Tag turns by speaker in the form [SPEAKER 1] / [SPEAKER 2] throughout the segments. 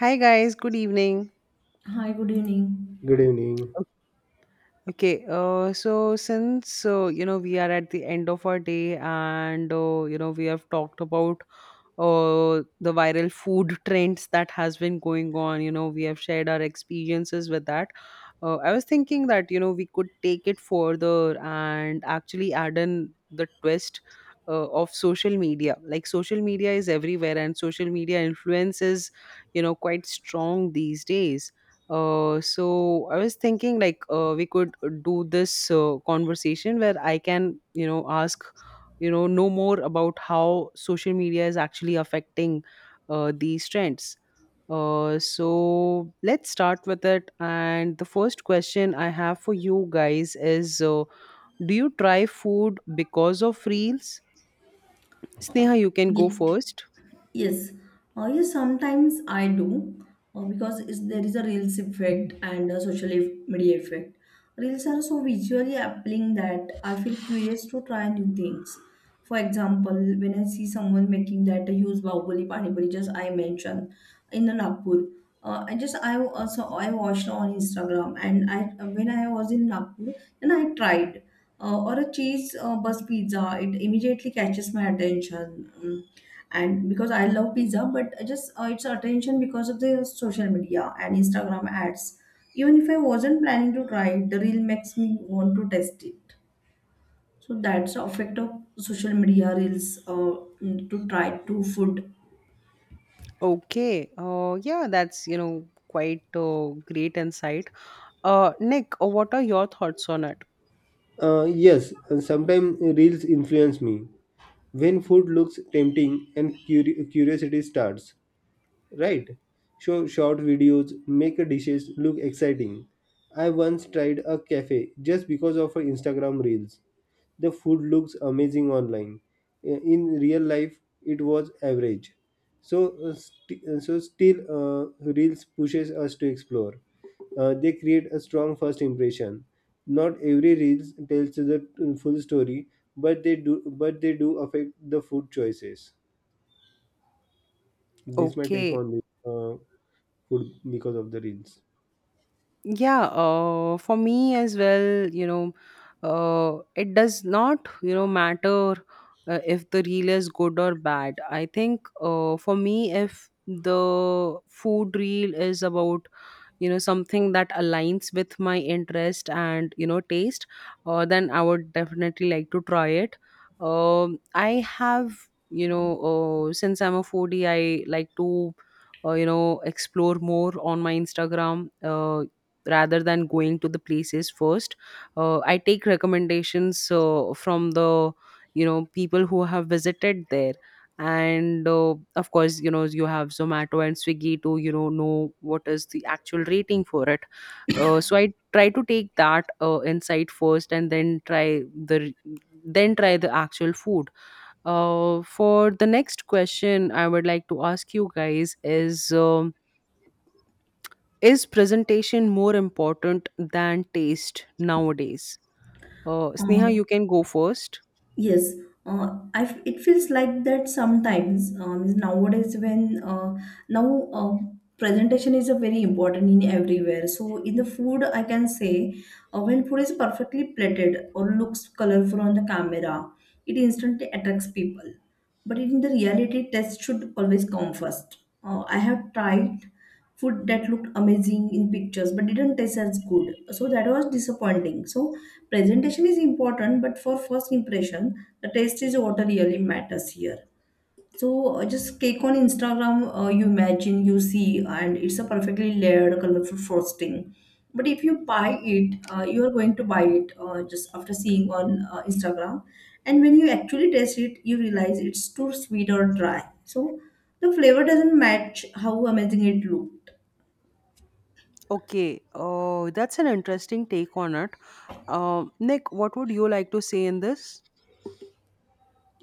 [SPEAKER 1] Hi guys, good evening.
[SPEAKER 2] Hi, good evening.
[SPEAKER 3] Good evening.
[SPEAKER 1] Since we are at the end of our day, and we have talked about the viral food trends that has been going on. We have shared our experiences with that. I was thinking that we could take it further and actually add in the twist of social media. Like, social media is everywhere, and social media influences quite strong these days. So I was thinking like we could do this conversation where I can ask, know more about how social media is actually affecting these trends. So let's start with it. And the first question I have for you guys is, do you try food because of reels? Sneha, you can go
[SPEAKER 2] Yeah.
[SPEAKER 1] first.
[SPEAKER 2] Yes, yes, sometimes I do, because there is a Reels effect and a media effect. Reels are so visually appealing that I feel curious to try new things. For example, when I see someone making that huge bahubali pani puri, just I mentioned in the Nagpur, I just I also I watched on Instagram, and I, when I was in Nagpur, then I tried. Or a cheese bus pizza, it immediately catches my attention. And because I love pizza, but I just its attention because of the social media and Instagram ads. Even if I wasn't planning to try it, the reel makes me want to test it. So that's the effect of social media reels, to try to food.
[SPEAKER 1] Okay. Yeah, that's, quite great insight. Nick, what are your thoughts on it?
[SPEAKER 3] Yes, sometimes reels influence me. When food looks tempting and curiosity starts, right? Show short videos, make dishes look exciting. I once tried a cafe just because of her Instagram reels. The food looks amazing online. In real life, it was average. So, so still, reels pushes us to explore. They create a strong first impression. Not every reels tells the full story, but they do affect the food choices. This my take
[SPEAKER 1] Okay.
[SPEAKER 3] on this. Food because of the reels.
[SPEAKER 1] Yeah, for me as well, it does not, matter if the reel is good or bad. I think for me, if the food reel is about something that aligns with my interest and taste, then I would definitely like to try it. I have since I'm a foodie, I like to explore more on my Instagram, rather than going to the places first. I take recommendations from the, people who have visited there. And of course, you have Zomato and Swiggy to know what is the actual rating for it. So I try to take that insight first and then try the actual food. For the next question, I would like to ask you guys, is presentation more important than taste nowadays? Sneha,
[SPEAKER 2] Uh,
[SPEAKER 1] you can go first.
[SPEAKER 2] Yes, it feels like that sometimes, nowadays when now presentation is a very important in everywhere. So in the food, I can say, when food is perfectly plated or looks colorful on the camera, it instantly attracts people, but in the reality taste should always come first. I have tried food that looked amazing in pictures but didn't taste as good, so that was disappointing. So presentation is important, but for first impression the taste is what really matters here. So just cake on Instagram, you imagine, you see, and it's a perfectly layered, colorful frosting. But if you buy it, you are going to buy it just after seeing on Instagram. And when you actually taste it, you realize it's too sweet or dry. So the flavor doesn't match how amazing it looked.
[SPEAKER 1] Okay, oh, that's an interesting take on it. Nick, what would you like to say in this?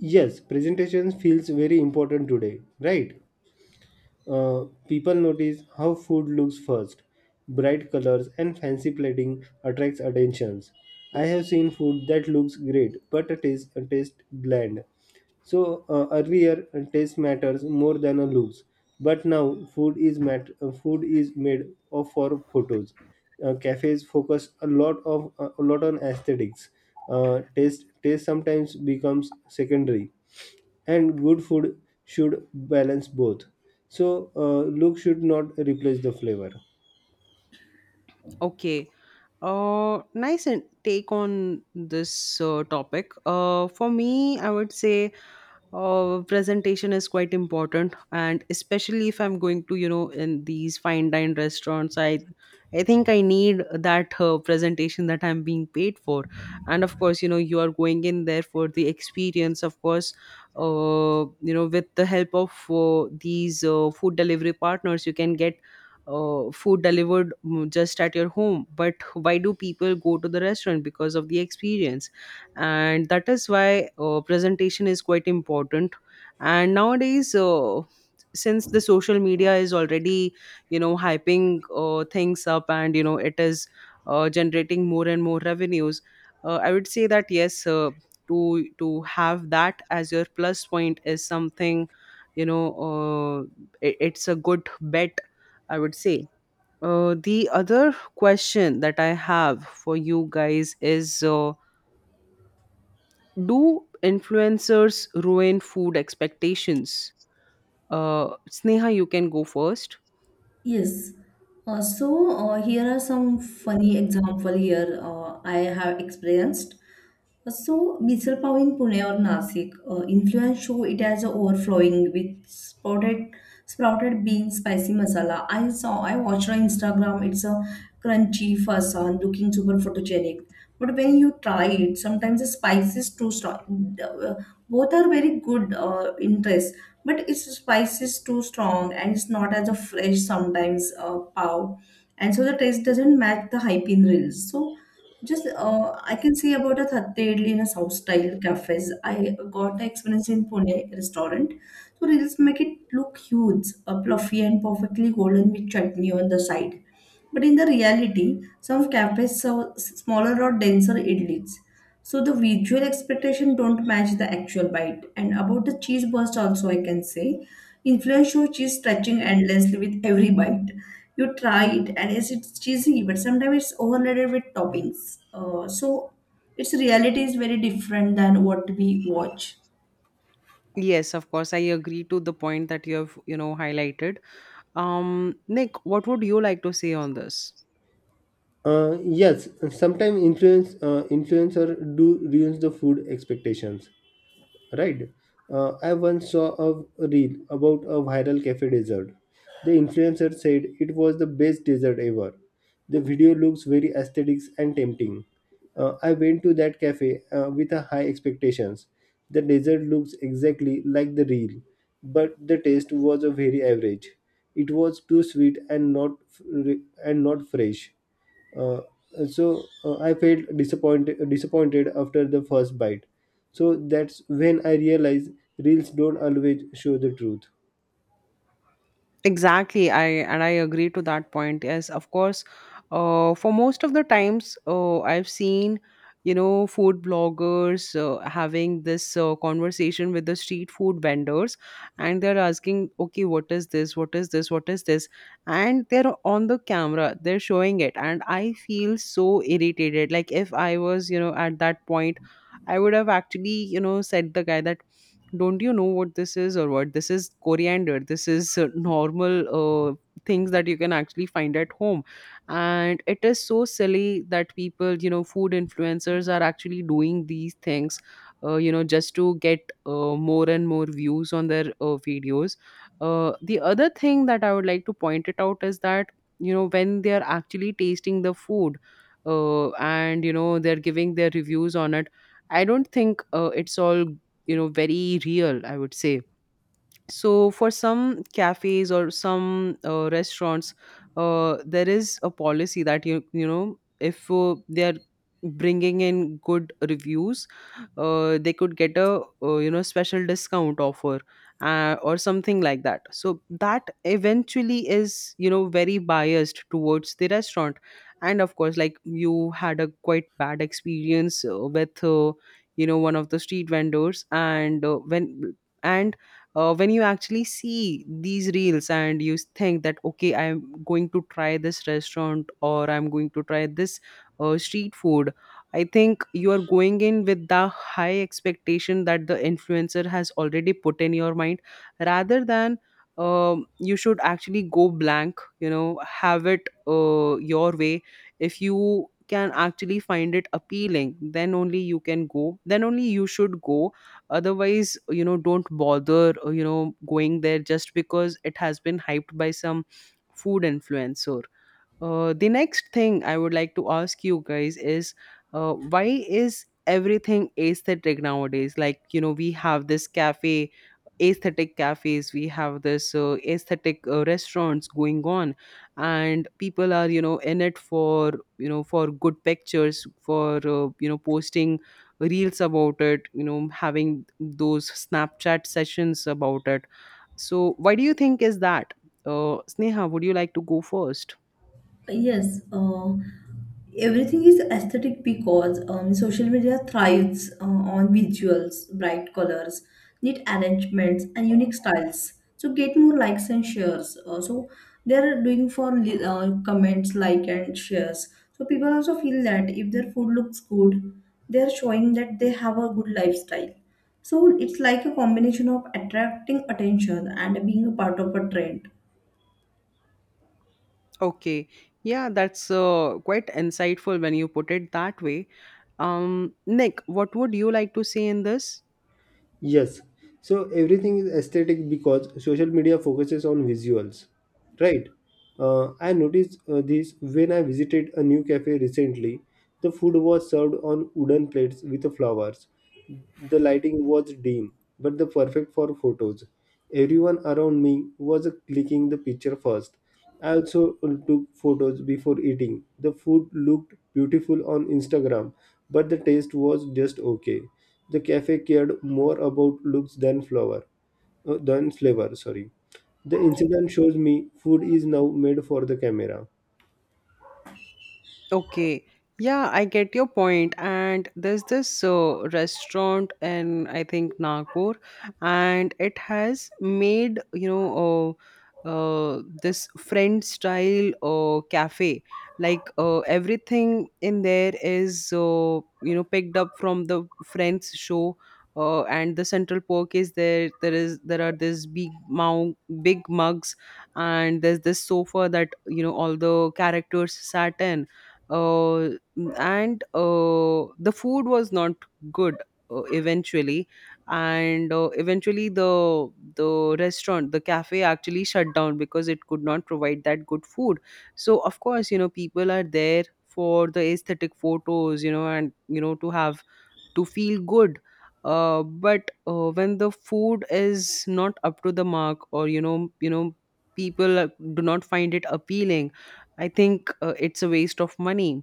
[SPEAKER 3] Yes, presentation feels very important today, right? People notice how food looks first. Bright colors and fancy plating attracts attentions. I have seen food that looks great but a taste bland. So earlier taste matters more than a looks, but now food is food is made of for photos. Cafes focus a lot of a lot on aesthetics. Taste sometimes becomes secondary, and good food should balance both. So look should not replace the flavor.
[SPEAKER 1] Okay. Nice take on this topic. For me, I would say presentation is quite important, and especially if I'm going to, in these fine dine restaurants, I think I need that presentation that I'm being paid for. And of course, you are going in there for the experience, of course. uh, you know, with the help of these food delivery partners, you can get food delivered, just at your home. But why do people go to the restaurant? Because of the experience. And that is why presentation is quite important. And nowadays, since the social media is already, hyping things up, and it is generating more and more revenues, I would say that yes, to have that as your plus point is something, it's a good bet, I would say. The other question that I have for you guys is, do influencers ruin food expectations? Sneha, you can go first.
[SPEAKER 2] Yes. Here are some funny example here I have experienced. So, Misal Pav in Pune or Nasik, influence show it as a overflowing with sprouted bean spicy masala. I watched on Instagram, it's a crunchy fasan looking super photogenic. But when you try it, sometimes the spice is too strong. Both are very good in taste, but its spice is too strong and it's not as a fresh sometimes, pav. And so the taste doesn't match the hype in reels. So just I can say about a Thadde idli in a South style cafes. I got the experience in Pune restaurant. So reels make it look huge, fluffy, and perfectly golden with chutney on the side. But in the reality, some cafes serve smaller or denser idlis. So the visual expectation don't match the actual bite. And about the cheese burst also I can say, influence show cheese stretching endlessly with every bite. You try it and yes, it's cheesy, but sometimes it's overloaded with toppings. So its reality is very different than what we watch.
[SPEAKER 1] Yes, of course, I agree to the point that you have, highlighted. Nick, what would you like to say on this?
[SPEAKER 3] Yes, sometimes influencer do ruins the food expectations, right? I once saw a reel about a viral cafe dessert. The influencer said it was the best dessert ever. The video looks very aesthetic and tempting. I went to that cafe with a high expectations. The dessert looks exactly like the reel, but the taste was a very average. It was too sweet and not fr- and not fresh. uh, I felt disappointed after the first bite. So that's when I realized reels don't always show the truth.
[SPEAKER 1] Exactly, I agree to that point. Yes, of course. For most of the times, I've seen, food bloggers having this conversation with the street food vendors, and they're asking, "Okay, what is this? What is this? What is this?" And they're on the camera, they're showing it, and I feel so irritated. Like, if I was, at that point, I would have actually, said the guy that, don't you know what this is? Or what this is? Coriander, this is normal uh, things that you can actually find at home. And it is so silly that people, food influencers are actually doing these things just to get more and more views on their videos. The other thing that I would like to point it out is that, when they are actually tasting the food and they're giving their reviews on it, I don't think it's all, very real, I would say. So for some cafes or some restaurants, there is a policy that you know if they are bringing in good reviews, they could get a, special discount offer or something like that. So that eventually is, very biased towards the restaurant. And of course, like you had a quite bad experience with, one of the street vendors, and when you actually see these reels and you think that, okay, I'm going to try this restaurant or I'm going to try this street food, I think you are going in with the high expectation that the influencer has already put in your mind, rather than, you should actually go blank, have it your way. If you can actually find it appealing, then only you should go. Otherwise, don't bother going there just because it has been hyped by some food influencer. The next thing I would like to ask you guys is, why is everything aesthetic nowadays? Like, we have this cafe, aesthetic cafes, we have this aesthetic restaurants going on, and people are, in it for, for good pictures, for, posting reels about it, having those Snapchat sessions about it. So, why do you think is that? Sneha, would you like to go first?
[SPEAKER 2] Yes, everything is aesthetic because social media thrives on visuals, bright colors, neat arrangements, and unique styles. So get more likes and shares. So they're doing for comments, like and shares. So people also feel that if their food looks good, they're showing that they have a good lifestyle. So it's like a combination of attracting attention and being a part of a trend.
[SPEAKER 1] Okay. Yeah, that's quite insightful when you put it that way. Nick, what would you like to say in this?
[SPEAKER 3] Yes. So everything is aesthetic because social media focuses on visuals, right? I noticed this when I visited a new cafe recently. The food was served on wooden plates with flowers. The lighting was dim, but the perfect for photos. Everyone around me was clicking the picture first. I also took photos before eating. The food looked beautiful on Instagram, but the taste was just okay. The cafe cared more about looks than flavor. Sorry. The incident shows me food is now made for the camera.
[SPEAKER 1] Okay. Yeah, I get your point. And there's this restaurant in, I think, Nagpur, and it has made, this French style cafe. Like, everything in there is, picked up from the French show. And the central park is there. There is There are these big mugs, and there's this sofa that, all the characters sat in. Uh, and uh, the food was not good eventually. And eventually, the restaurant, the cafe, actually shut down because it could not provide that good food. So of course, people are there for the aesthetic photos, and, to have, to feel good. But when the food is not up to the mark, or, you know, people do not find it appealing, I think it's a waste of money.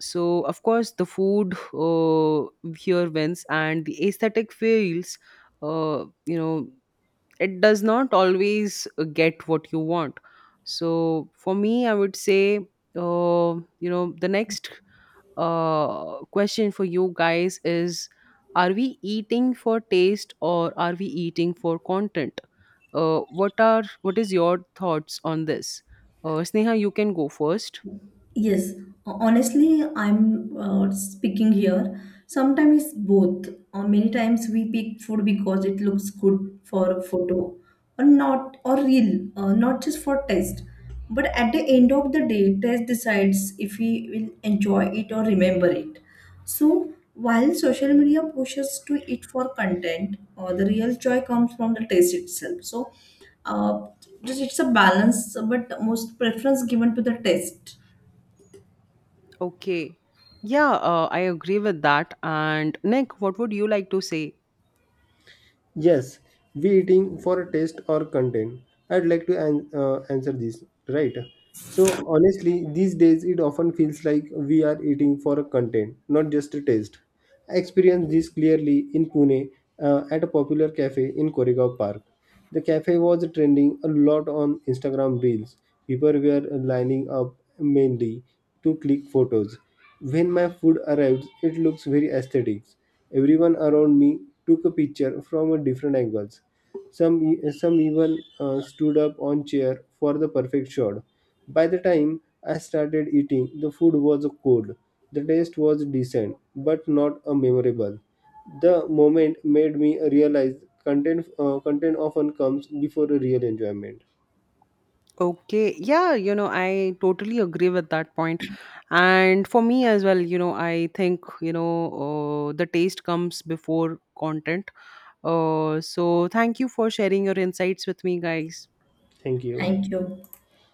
[SPEAKER 1] So of course, the food uh, here wins, and the aesthetic feels, uh, you know it does not always get what you want. So for me, I would say, uh, the next question for you guys is, are we eating for taste, or are we eating for content? What is your thoughts on this? Sneha, you can go first.
[SPEAKER 2] Yes, honestly, I'm speaking here. Sometimes it's both. Or many times we pick food because it looks good for a photo, or not, or real, not just for taste. But at the end of the day, taste decides if we will enjoy it or remember it. So while social media pushes to it for content, the real joy comes from the taste itself. So uh, just it's a balance, but most preference given to the taste.
[SPEAKER 1] Okay. Yeah, I agree with that. And Nick, what would you like to say?
[SPEAKER 3] Yes, we eating for taste or content. I'd like to answer this, right? So honestly, these days it often feels like we are eating for a content, not just a taste. I experienced this clearly in Pune at a popular cafe in Koregaon Park. The cafe was trending a lot on Instagram reels. People were lining up mainly to click photos. When my food arrives, it looks very aesthetic. Everyone around me took a picture from a different angles. Some even stood up on chair for the perfect shot. By the time I started eating, the food was cold. The taste was decent, but not a memorable. The moment made me realize content often comes before a real enjoyment.
[SPEAKER 1] Okay, yeah, I totally agree with that point. And for me as well, I think, the taste comes before content. So thank you for sharing your insights with me, guys.
[SPEAKER 3] Thank you.
[SPEAKER 2] Thank you.